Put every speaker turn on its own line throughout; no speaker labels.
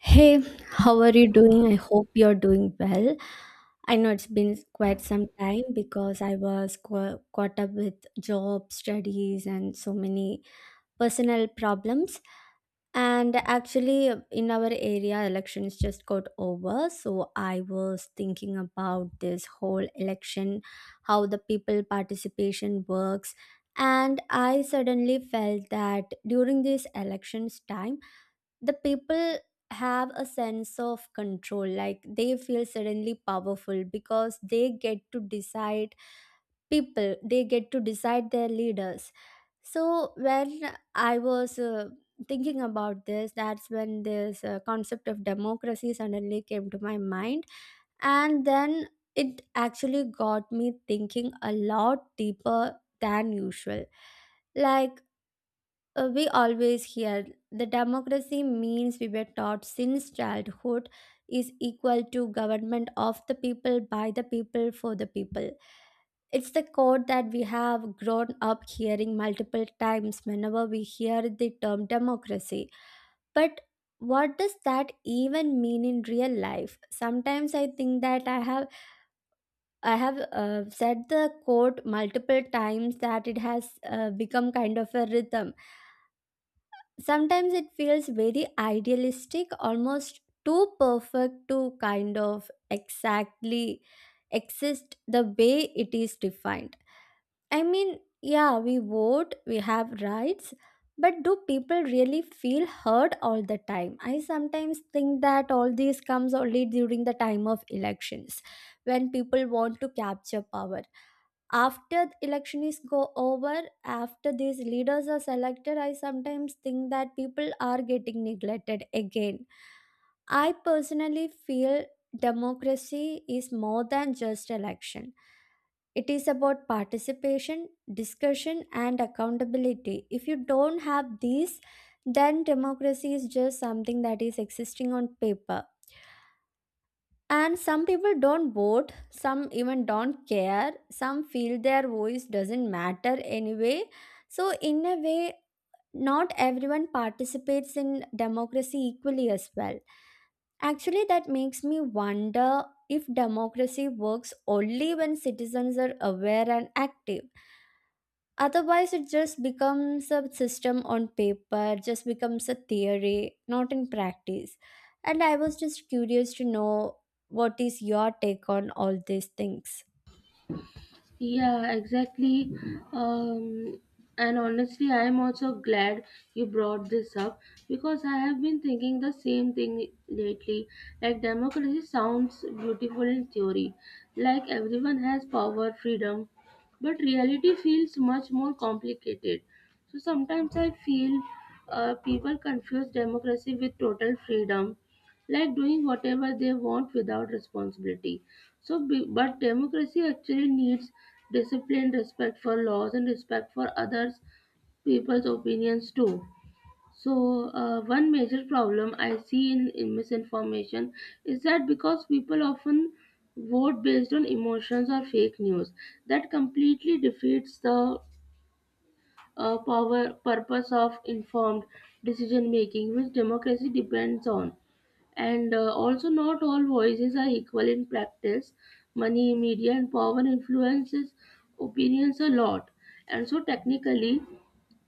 Hey, how are you doing? I hope you're doing well. I know it's been quite some time because I was caught up with job, studies, and so many personal problems. And actually, in our area, elections just got over. So I was thinking about this whole election, how the people participation works. And I suddenly felt that during this elections time, the people have a sense of control like they feel suddenly powerful because they get to decide their leaders. So when I was thinking about this, that's when this concept of democracy suddenly came to my mind. And then it actually got me thinking a lot deeper than usual. Like, we always hear the democracy means, we were taught since childhood, is equal to government of the people, by the people, for the people. It's the quote that we have grown up hearing multiple times whenever we hear the term democracy. But what does that even mean in real life? Sometimes I think that I have said the quote multiple times that it has become kind of a rhythm. Sometimes it feels very idealistic, almost too perfect to kind of exactly exist the way it is defined. I mean, yeah, we vote, we have rights, but do people really feel heard all the time? I sometimes think that all this comes only during the time of elections, when people want to capture power. After the election is go over, after these leaders are selected, I sometimes think that people are getting neglected again. I personally feel democracy is more than just election. It is about participation, discussion and accountability. If you don't have these, then democracy is just something that is existing on paper. And some people don't vote, some even don't care, some feel their voice doesn't matter anyway. So, in a way, not everyone participates in democracy equally as well. Actually, that makes me wonder if democracy works only when citizens are aware and active. Otherwise, it just becomes a system on paper, just becomes a theory, not in practice. And I was just curious to know, what is your take on all these things?
Yeah, exactly. Um, and honestly, I am also glad you brought this up because I have been thinking the same thing lately. Like, democracy sounds beautiful in theory, like everyone has power, freedom, but reality feels much more complicated. So sometimes I feel people confuse democracy with total freedom, like doing whatever they want without responsibility. But democracy actually needs discipline, respect for laws, and respect for others' people's opinions too. So, one major problem I see in misinformation is that because people often vote based on emotions or fake news, that completely defeats the purpose of informed decision making, which democracy depends on. And also, not all voices are equal in practice. Money, media, and power influences opinions a lot. And so, technically,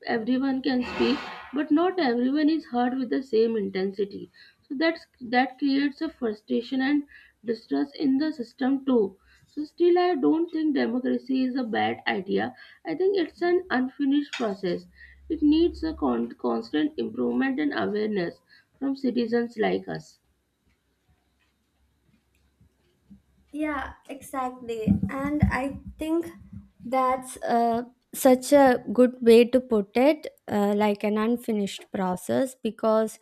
everyone can speak but not everyone is heard with the same intensity, so that creates a frustration and distrust in the system too. So still, I don't think democracy is a bad idea. I think it's an unfinished process. It needs a constant improvement and awareness from citizens like us.
Yeah, exactly. And I think that's such a good way to put it, like an unfinished process, because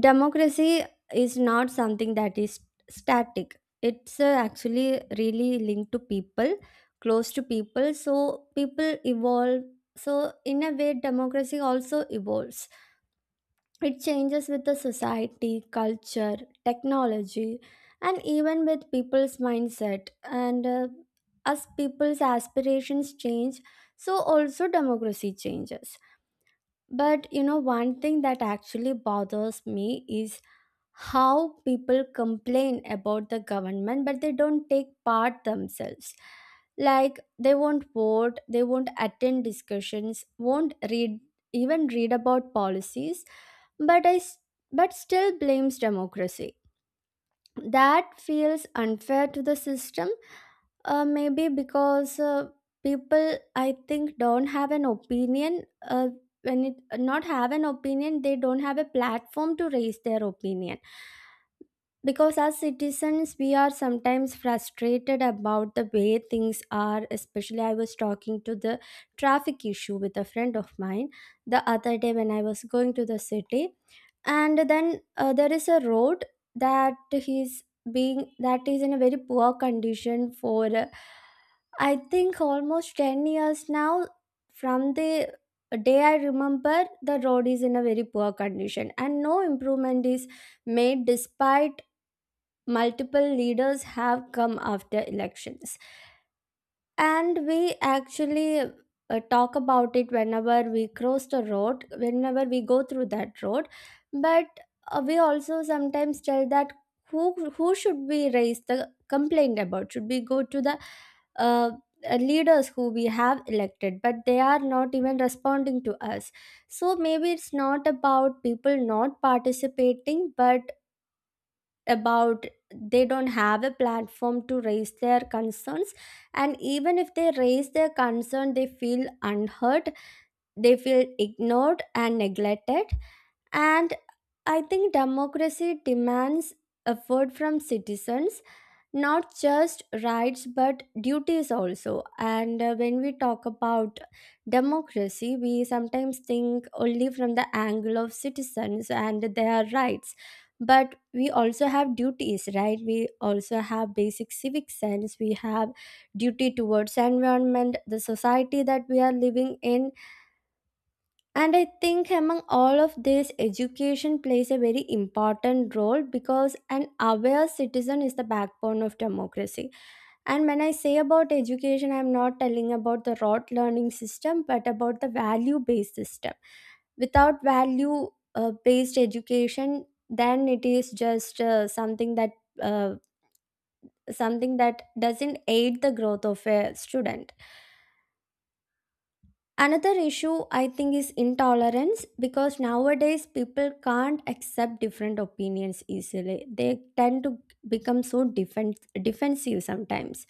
democracy is not something that is static. It's actually really linked to people, close to people. So people evolve, so in a way democracy also evolves. It changes with the society, culture, technology, and even with people's mindset. And as people's aspirations change, so also democracy changes. But you know, one thing that actually bothers me is how people complain about the government but they don't take part themselves. Like, they won't vote, they won't attend discussions, won't read, even read about policies, but i s- but still blames democracy. That feels unfair to the system. Maybe because, people, I think, don't have an opinion. When it not have an opinion, they don't have a platform to raise their opinion. Because as citizens, we are sometimes frustrated about the way things are. Especially, I was talking to the traffic issue with a friend of mine the other day when I was going to the city, and then there is a road that is in a very poor condition for I think almost 10 years now. From the day I remember, the road is in a very poor condition and no improvement is made, despite multiple leaders have come after elections. And we actually talk about it whenever we cross the road, whenever we go through that road. But we also sometimes tell that who should we raise the complaint about? Should we go to the uh, leaders who we have elected? But they are not even responding to us. So maybe it's not about people not participating but about they don't have a platform to raise their concerns. And even if they raise their concern, they feel unheard, they feel ignored and neglected. And I think democracy demands effort from citizens, not just rights but duties also. And when we talk about democracy, we sometimes think only from the angle of citizens and their rights. But we also have duties, right? We also have basic civic sense, we have duty towards environment, the society that we are living in. And I think among all of this, education plays a very important role, because an aware citizen is the backbone of democracy. And when I say about education, I'm not telling about the rote learning system, but about the value based system. Without value based education, then it is just uh, something that doesn't aid the growth of a student. Another issue I think is intolerance, because nowadays people can't accept different opinions easily. They tend to become defensive sometimes.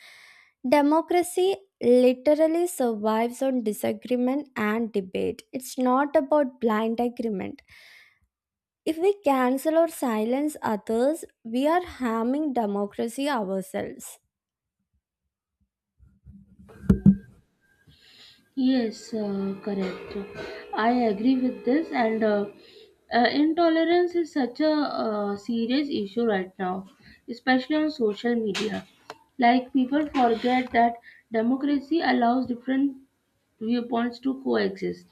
Democracy literally survives on disagreement and debate. It's not about blind agreement. If we cancel or silence others, we are harming democracy ourselves.
Yes, correct. I agree with this, and intolerance is such a serious issue right now, especially on social media. Like, people forget that democracy allows different viewpoints to coexist,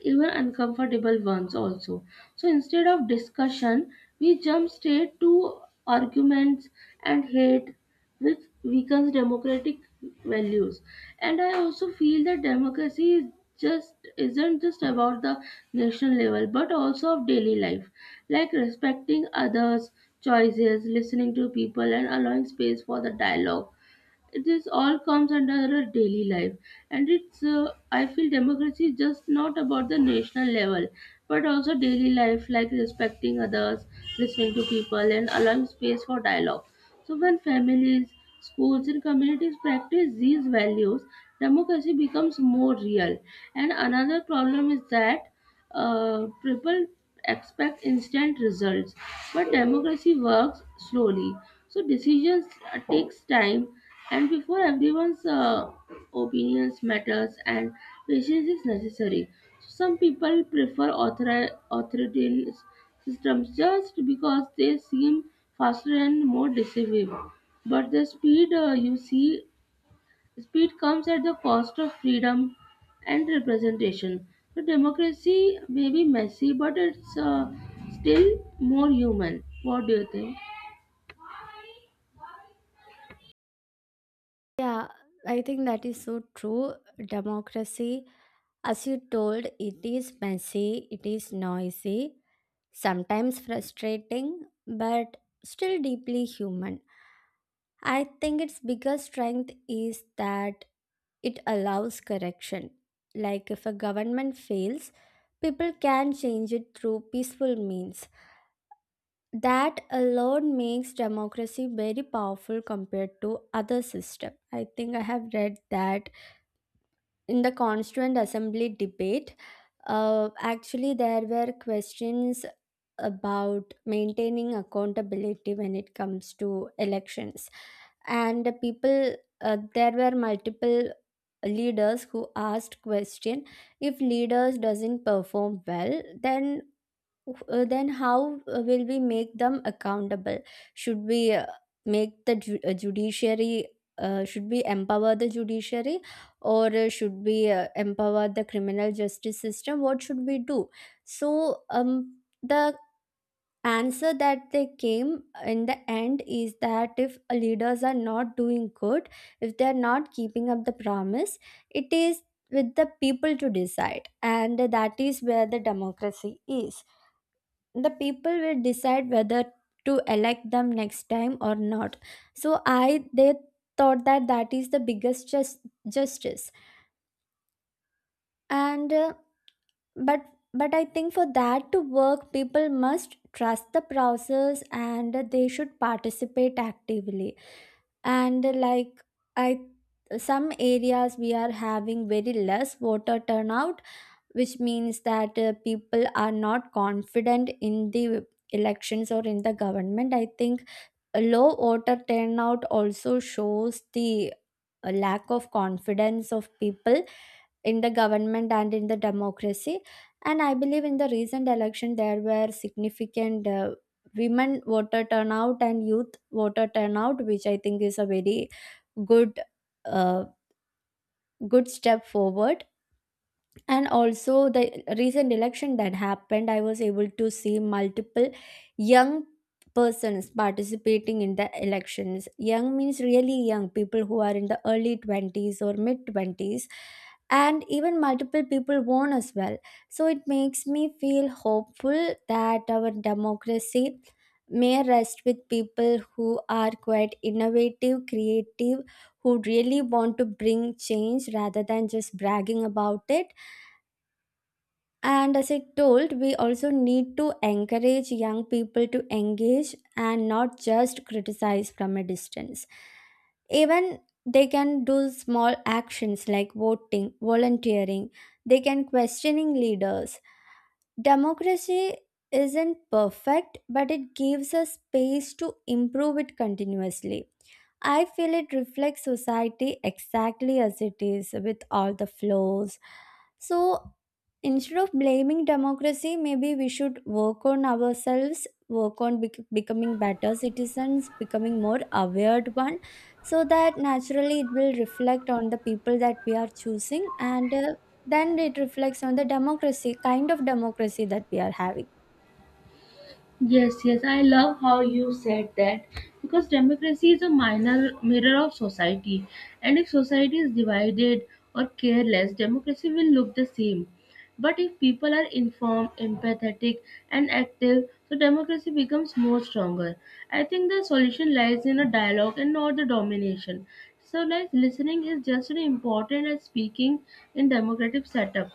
even uncomfortable ones also. So instead of discussion, we jump straight to arguments and hate, which weakens democratic values. And I also feel that democracy is just isn't just about the national level but also of daily life, like respecting others choices, listening to people and allowing space for the dialogue. This all comes under our daily life. And it's I feel democracy is just not about the national level but also daily life, like respecting others, listening to people and allowing space for dialogue. So, when families, schools, and communities practice these values, democracy becomes more real. And another problem is that people expect instant results, but democracy works slowly. So, decisions takes time, and before everyone's opinions matters, and patience is necessary. So some people prefer authoritarians systems just because they seem faster and more decisive. But the speed, you see, speed comes at the cost of freedom and representation. So democracy may be messy, but it's still more human. What do you think?
Yeah, I think that is so true. Democracy, as you told, it is messy, it is noisy, sometimes frustrating, but still deeply human. I think its biggest strength is that it allows correction. Like, if a government fails, people can change it through peaceful means. That alone makes democracy very powerful compared to other system. I think I have read that in the Constituent Assembly debate, actually, there were questions about maintaining accountability when it comes to elections. And the people, there were multiple leaders who asked question, if leaders doesn't perform well then how will we make them accountable? Should we make the ju- judiciary should we empower the judiciary, or should we empower the criminal justice system? What should we do? So the answer that they came in the end is that, if leaders are not doing good, if they are not keeping up the promise, it is with the people to decide, and that is where the democracy is. The people will decide whether to elect them next time or not. So I they thought that that is the biggest justice. And but but I think for that to work, people must trust the process and they should participate actively. And like, I, some areas we are having very less voter turnout, which means that people are not confident in the elections or in the government, I think. A low voter turnout also shows the lack of confidence of people in the government and in the democracy. And I believe in the recent election, there were significant women voter turnout and youth voter turnout, which I think is a very good, uh, good step forward. And also the recent election that happened, I was able to see multiple young persons participating in the elections. Young means really young people who are in the early 20s or mid 20s, and even multiple people won as well. So it makes me feel hopeful that our democracy may rest with people who are quite innovative, creative, who really want to bring change rather than just bragging about it. And as I told, we also need to encourage young people to engage and not just criticize from a distance. Even they can do small actions like voting, volunteering, they can questioning leaders. Democracy isn't perfect, but it gives us space to improve it continuously. I feel it reflects society exactly as it is with all the flaws. So, instead of blaming democracy, maybe we should work on ourselves, work on becoming better citizens, becoming more aware one, so that naturally it will reflect on the people that we are choosing, and then it reflects on the democracy, kind of democracy that we are having.
Yes, yes, I love how you said that because democracy is a minor mirror of society, and if society is divided or careless, democracy will look the same. But if people are informed, empathetic, and active, so democracy becomes more stronger. I think the solution lies in a dialogue and not the domination. So, like listening is just as important as speaking in democratic setup.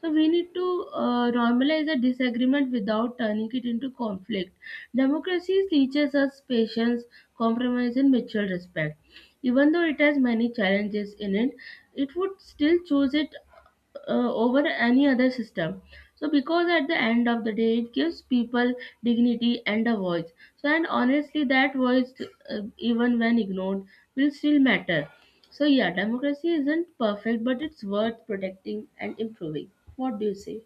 So we need to normalize a disagreement without turning it into conflict. Democracy teaches us patience, compromise, and mutual respect. Even though it has many challenges in it, it would still choose it over any other system. So because at the end of the day it gives people dignity and a voice. So and honestly that voice, even when ignored, will still matter. So yeah, democracy isn't perfect, but it's worth protecting and improving. What do you say?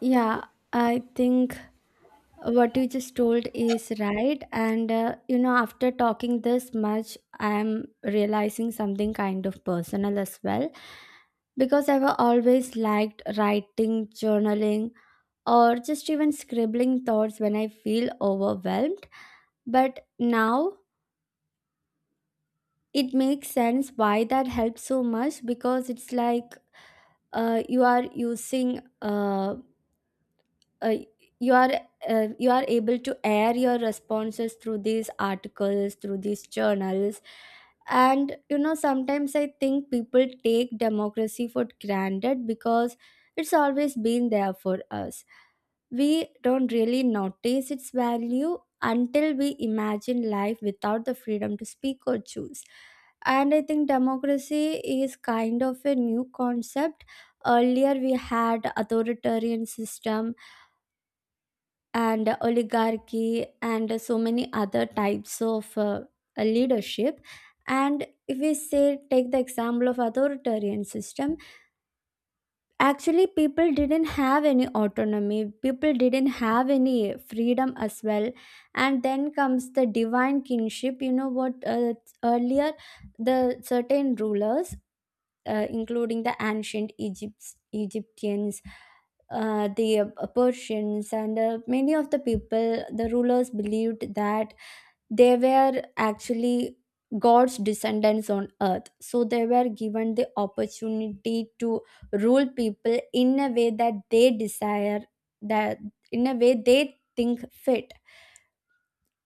Yeah, I think what you just told is right and after talking this much I am realizing something kind of personal as well, because I've always liked writing, journaling, or just even scribbling thoughts when I feel overwhelmed. But now it makes sense why that helps so much, because it's like you are using uh, you are you are able to air your responses through these articles, through these journals. And sometimes I think people take democracy for granted because it's always been there for us. We don't really notice its value until we imagine life without the freedom to speak or choose. And I think democracy is kind of a new concept. Earlier we had authoritarian system and oligarchy and so many other types of leadership. And if we say take the example of authoritarian system, actually people didn't have any autonomy, people didn't have any freedom as well. And then comes the divine kingship. You know what Earlier, the certain rulers, including the ancient Egyptians, the Persians, and many of the people, the rulers, believed that they were actually God's descendants on earth. So they were given the opportunity to rule people in a way that they desire, that in a way they think fit.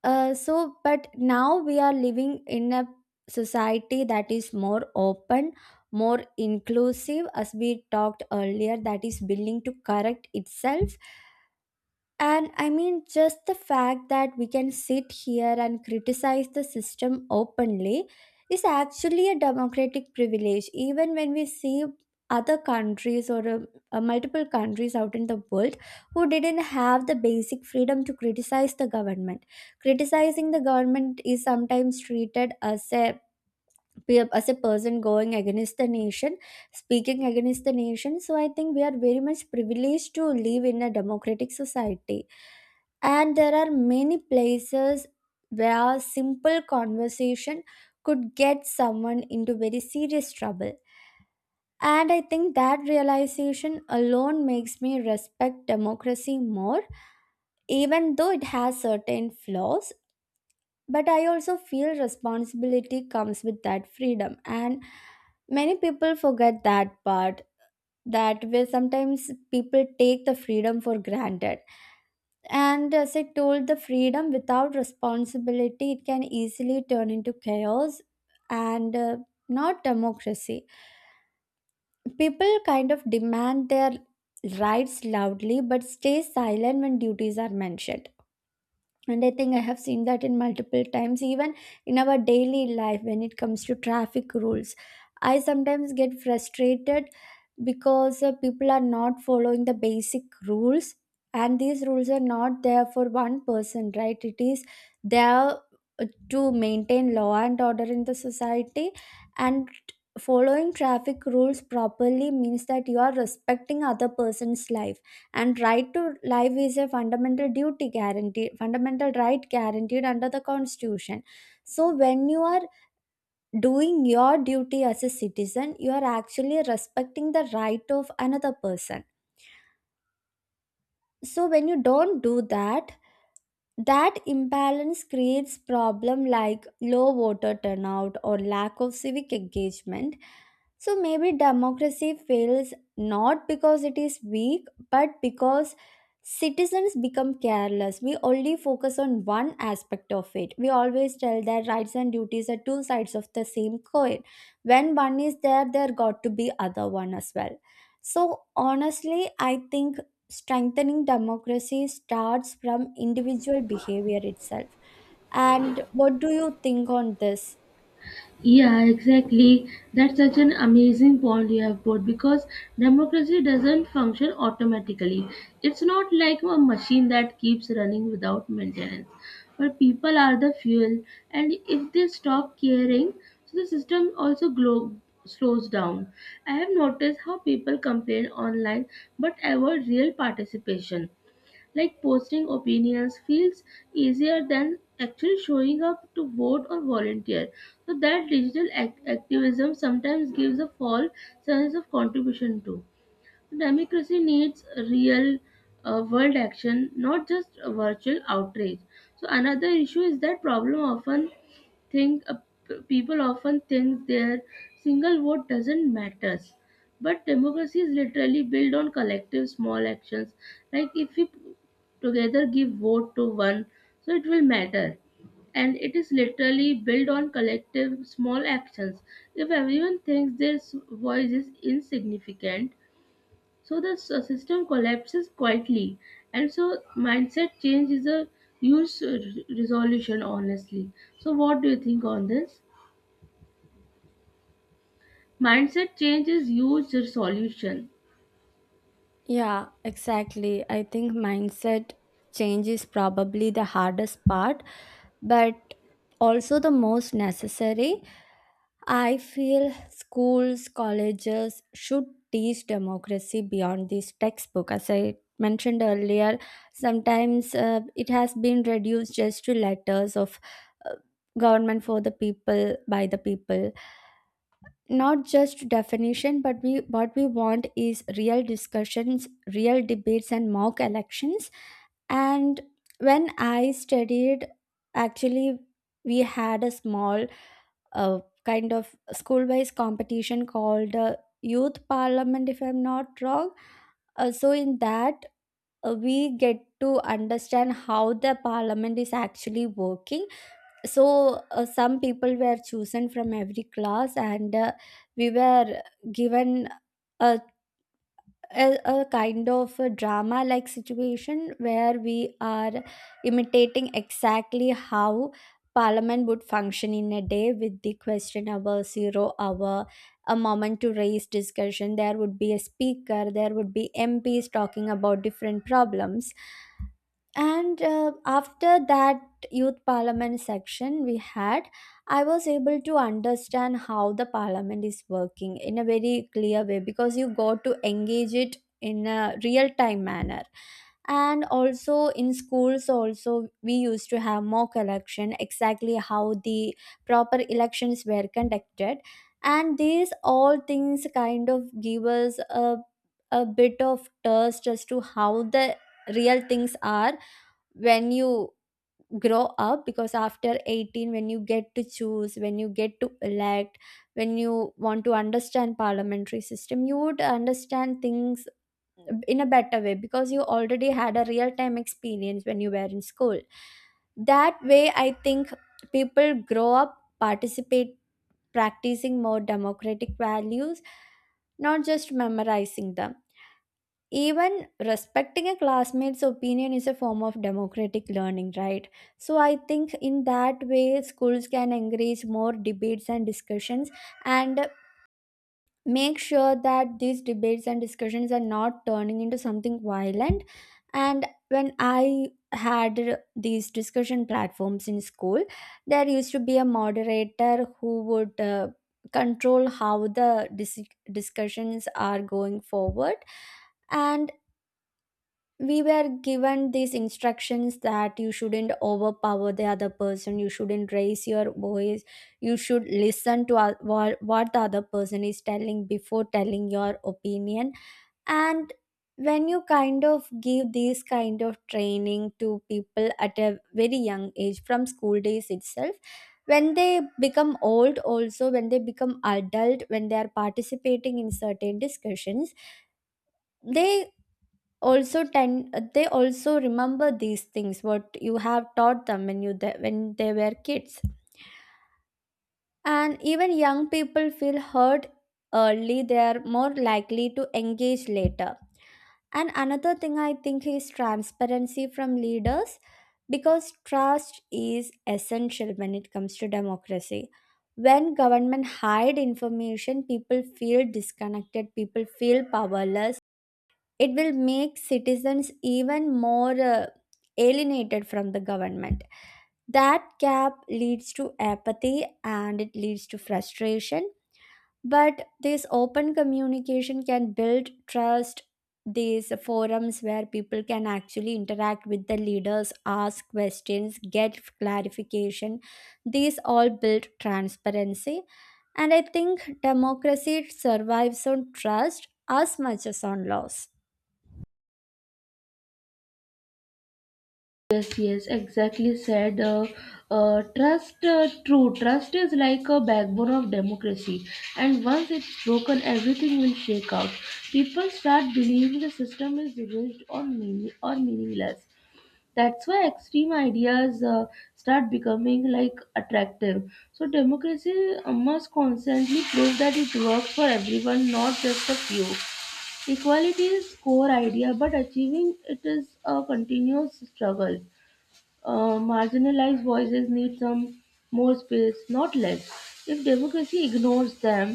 So, but now we are living in a society that is more open, more inclusive, as we talked earlier, that is willing to correct itself. And I mean, just the fact that we can sit here and criticize the system openly is actually a democratic privilege. Even when we see other countries, or multiple countries out in the world who didn't have the basic freedom to criticize the government, criticizing the government is sometimes treated as a we are, as a person going against the nation, speaking against the nation. So I think we are very much privileged to live in a democratic society, and there are many places where simple conversation could get someone into very serious trouble. And I think that realization alone makes me respect democracy more, even though it has certain flaws. But I also feel responsibility comes with that freedom, and many people forget that part, that where sometimes people take the freedom for granted. And as I told, the freedom without responsibility, it can easily turn into chaos and not democracy. People kind of demand their rights loudly but stay silent when duties are mentioned. And I think I have seen that in multiple times, even in our daily life when it comes to traffic rules. I sometimes get frustrated because people are not following the basic rules, and these rules are not there for one person, right? It is there to maintain law and order in the society. And following traffic rules properly means that you are respecting other person's life, and right to life is a fundamental duty guaranteed, fundamental right guaranteed under the constitution. So when you are doing your duty as a citizen, you are actually respecting the right of another person. So when you don't do that, that imbalance creates problems like low voter turnout or lack of civic engagement. So maybe democracy fails not because it is weak, but because citizens become careless. We only focus on one aspect of it. We always tell that rights and duties are two sides of the same coin. When one is there, there got to be other one as well. So honestly, I think strengthening democracy starts from individual behavior itself. And what do you think on this?
Yeah, exactly. That's such an amazing point you have put because democracy doesn't function automatically. It's not like a machine that keeps running without maintenance. But people are the fuel, and if they stop caring, so the system also slows down. I have noticed how people complain online but avoid real participation, like posting opinions feels easier than actually showing up to vote or volunteer. So that digital activism sometimes gives a false sense of contribution too. Democracy needs real, world action, not just a virtual outrage. So another issue is that problem often think p- people often think their single vote doesn't matters, but democracy is literally built on collective small actions. Like if we together give vote to one, so it will matter. And it is literally built on collective small actions. If everyone thinks their voice is insignificant, so the system collapses quietly. And so mindset change is a huge resolution, honestly. So what do you think on this? Mindset change is huge resolution.
Yeah, exactly. I think mindset change is probably the hardest part, but also the most necessary. I feel schools, colleges should teach democracy beyond this textbook. As I mentioned earlier, sometimes it has been reduced just to letters of uh, government for the people by the people. Not just definition, but we what we want is real discussions, real debates, and mock elections. And when I studied, actually, we had a small, a kind of school based competition called youth parliament, if I'm not wrong. So in that, we get to understand how the parliament is actually working. So some people were chosen from every class, and we were given a a kind of a drama like situation where we are imitating exactly how parliament would function in a day, with the question hour, zero hour, a moment to raise discussion. There would be a speaker, there would be mps talking about different problems. And after that youth parliament section we had, I was able to understand how the parliament is working in a very clear way, because you got to engage it in a real time manner. And also in schools also, we used to have mock election exactly how the proper elections were conducted. And these all things kind of give us a bit of thirst as to how the real things are when you grow up, because after 18, when you get to choose, when you get to elect, when you want to understand parliamentary system, you would understand things in a better way because you already had a real time experience when you were in school. That way, I think people grow up participate practicing more democratic values, not just memorizing them. Even respecting a classmate's opinion is a form of democratic learning, right? So I think in that way schools can encourage more debates and discussions, and make sure that these debates and discussions are not turning into something violent. And when I had these discussion platforms in school, there used to be a moderator who would control how the discussions are going forward. And we were given these instructions that you shouldn't overpower the other person, you shouldn't raise your voice, you should listen to what the other person is telling before telling your opinion. And when you kind of give these kind of training to people at a very young age from school days itself, when they become old also, when they become adult, when they are participating in certain discussions, they also tend they also remember these things what you have taught them when when they were kids. And even young people feel hurt early, they are more likely to engage later. And another thing I think is transparency from leaders, because trust is essential when it comes to democracy. When government hide information, people feel disconnected, people feel powerless. It will make citizens even more alienated from the government. That gap leads to apathy and it leads to frustration. But this open communication can build trust. These forums where people can actually interact with the leaders, ask questions, get clarification, these all build transparency. And I think democracy survives on trust as much as on laws.
Yes, yes, exactly said. Trust True trust is like a backbone of democracy, and once it's broken, everything will shake out. People start believing the system is rigged or meaningless. That's why extreme ideas start becoming like attractive. So democracy must constantly prove that it works for everyone, not just a few. Equality is core idea, but achieving it is a continuous struggle. Marginalized voices need some more space, not less. If democracy ignores them,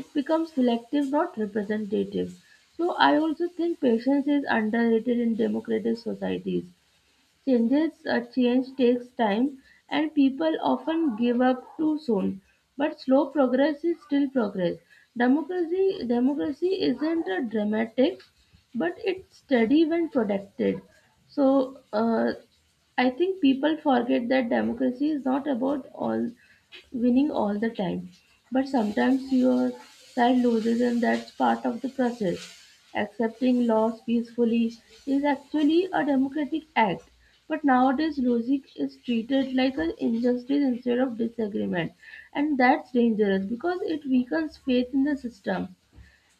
it becomes selective, not representative. So I also think patience is underrated in democratic societies. Change takes time, and people often give up too soon. But slow progress is still progress. Democracy isn't a dramatic, but it's steady when protected. So I think people forget that democracy is not about all winning all the time. But sometimes your side loses, and that's part of the process. Accepting loss peacefully is actually a democratic act. But nowadays, losing is treated like an injustice instead of disagreement, and that's dangerous because it weakens faith in the system.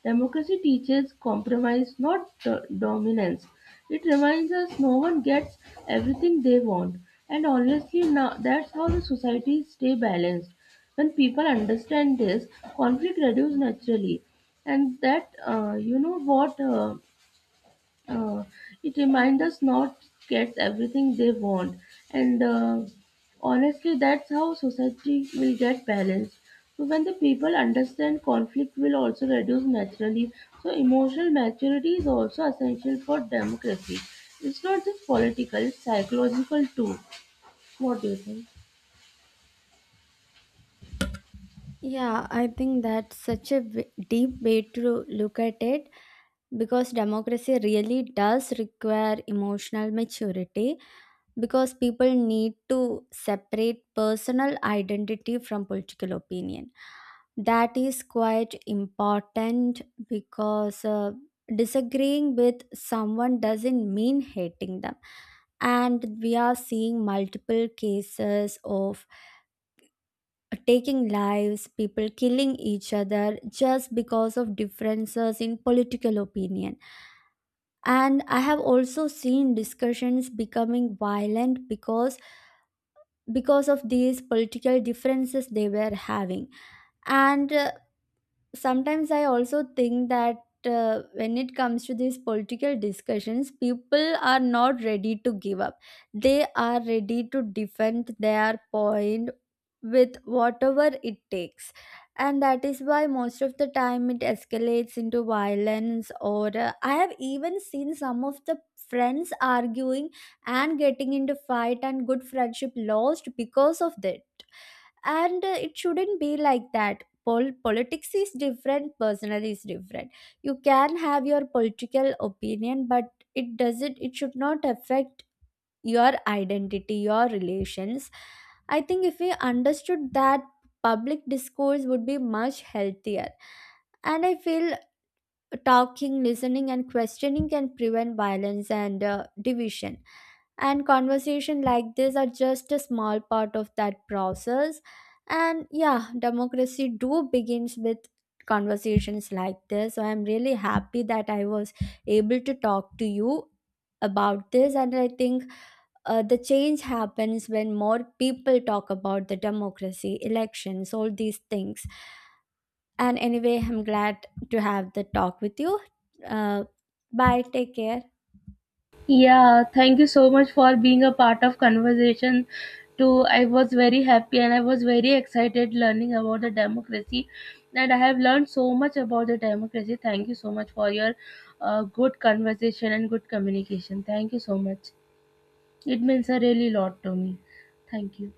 Democracy teaches compromise, not dominance. It reminds us no one gets everything they want. And honestly, now that's how the societies stay balanced. When people understand this, conflict reduces naturally. And that, you know what? Uh, it reminds us not gets everything they want, and honestly, that's how society will get balanced. So when the people understand, conflict will also reduce naturally. So emotional maturity is also essential for democracy. It's not just political; it's psychological too. What do you think?
Yeah, I think that's such a deep way to look at it, because democracy really does require emotional maturity, because people need to separate personal identity from political opinion. That is quite important because disagreeing with someone doesn't mean hating them. And we are seeing multiple cases of taking lives, people killing each other just because of differences in political opinion. And I have also seen discussions becoming violent because of these political differences they were having. And sometimes I also think that when it comes to these political discussions, people are not ready to give up. They are ready to defend their point with whatever it takes, and that is why most of the time it escalates into violence, or I have even seen some of the friends arguing and getting into fight, and good friendship lost because of that. And it shouldn't be like that. Politics is different, personal is different. You can have your political opinion, but it should not affect your identity, your relations. I think if we understood that, public discourse would be much healthier. And I feel talking, listening, and questioning can prevent violence and division. And conversation like this are just a small part of that process. And yeah, democracy do begins with conversations like this. So I'm really happy that I was able to talk to you about this, and I think the change happens when more people talk about the democracy, elections, all these things. And anyway, I'm glad to have the talk with you. Uh, Bye. Take care.
Yeah, thank you so much for being a part of conversation too. I was very happy and I was very excited learning about the democracy, and I have learned so much about the democracy. Thank you so much for your good conversation and good communication. Thank you so much. It means a really lot to me. Thank you.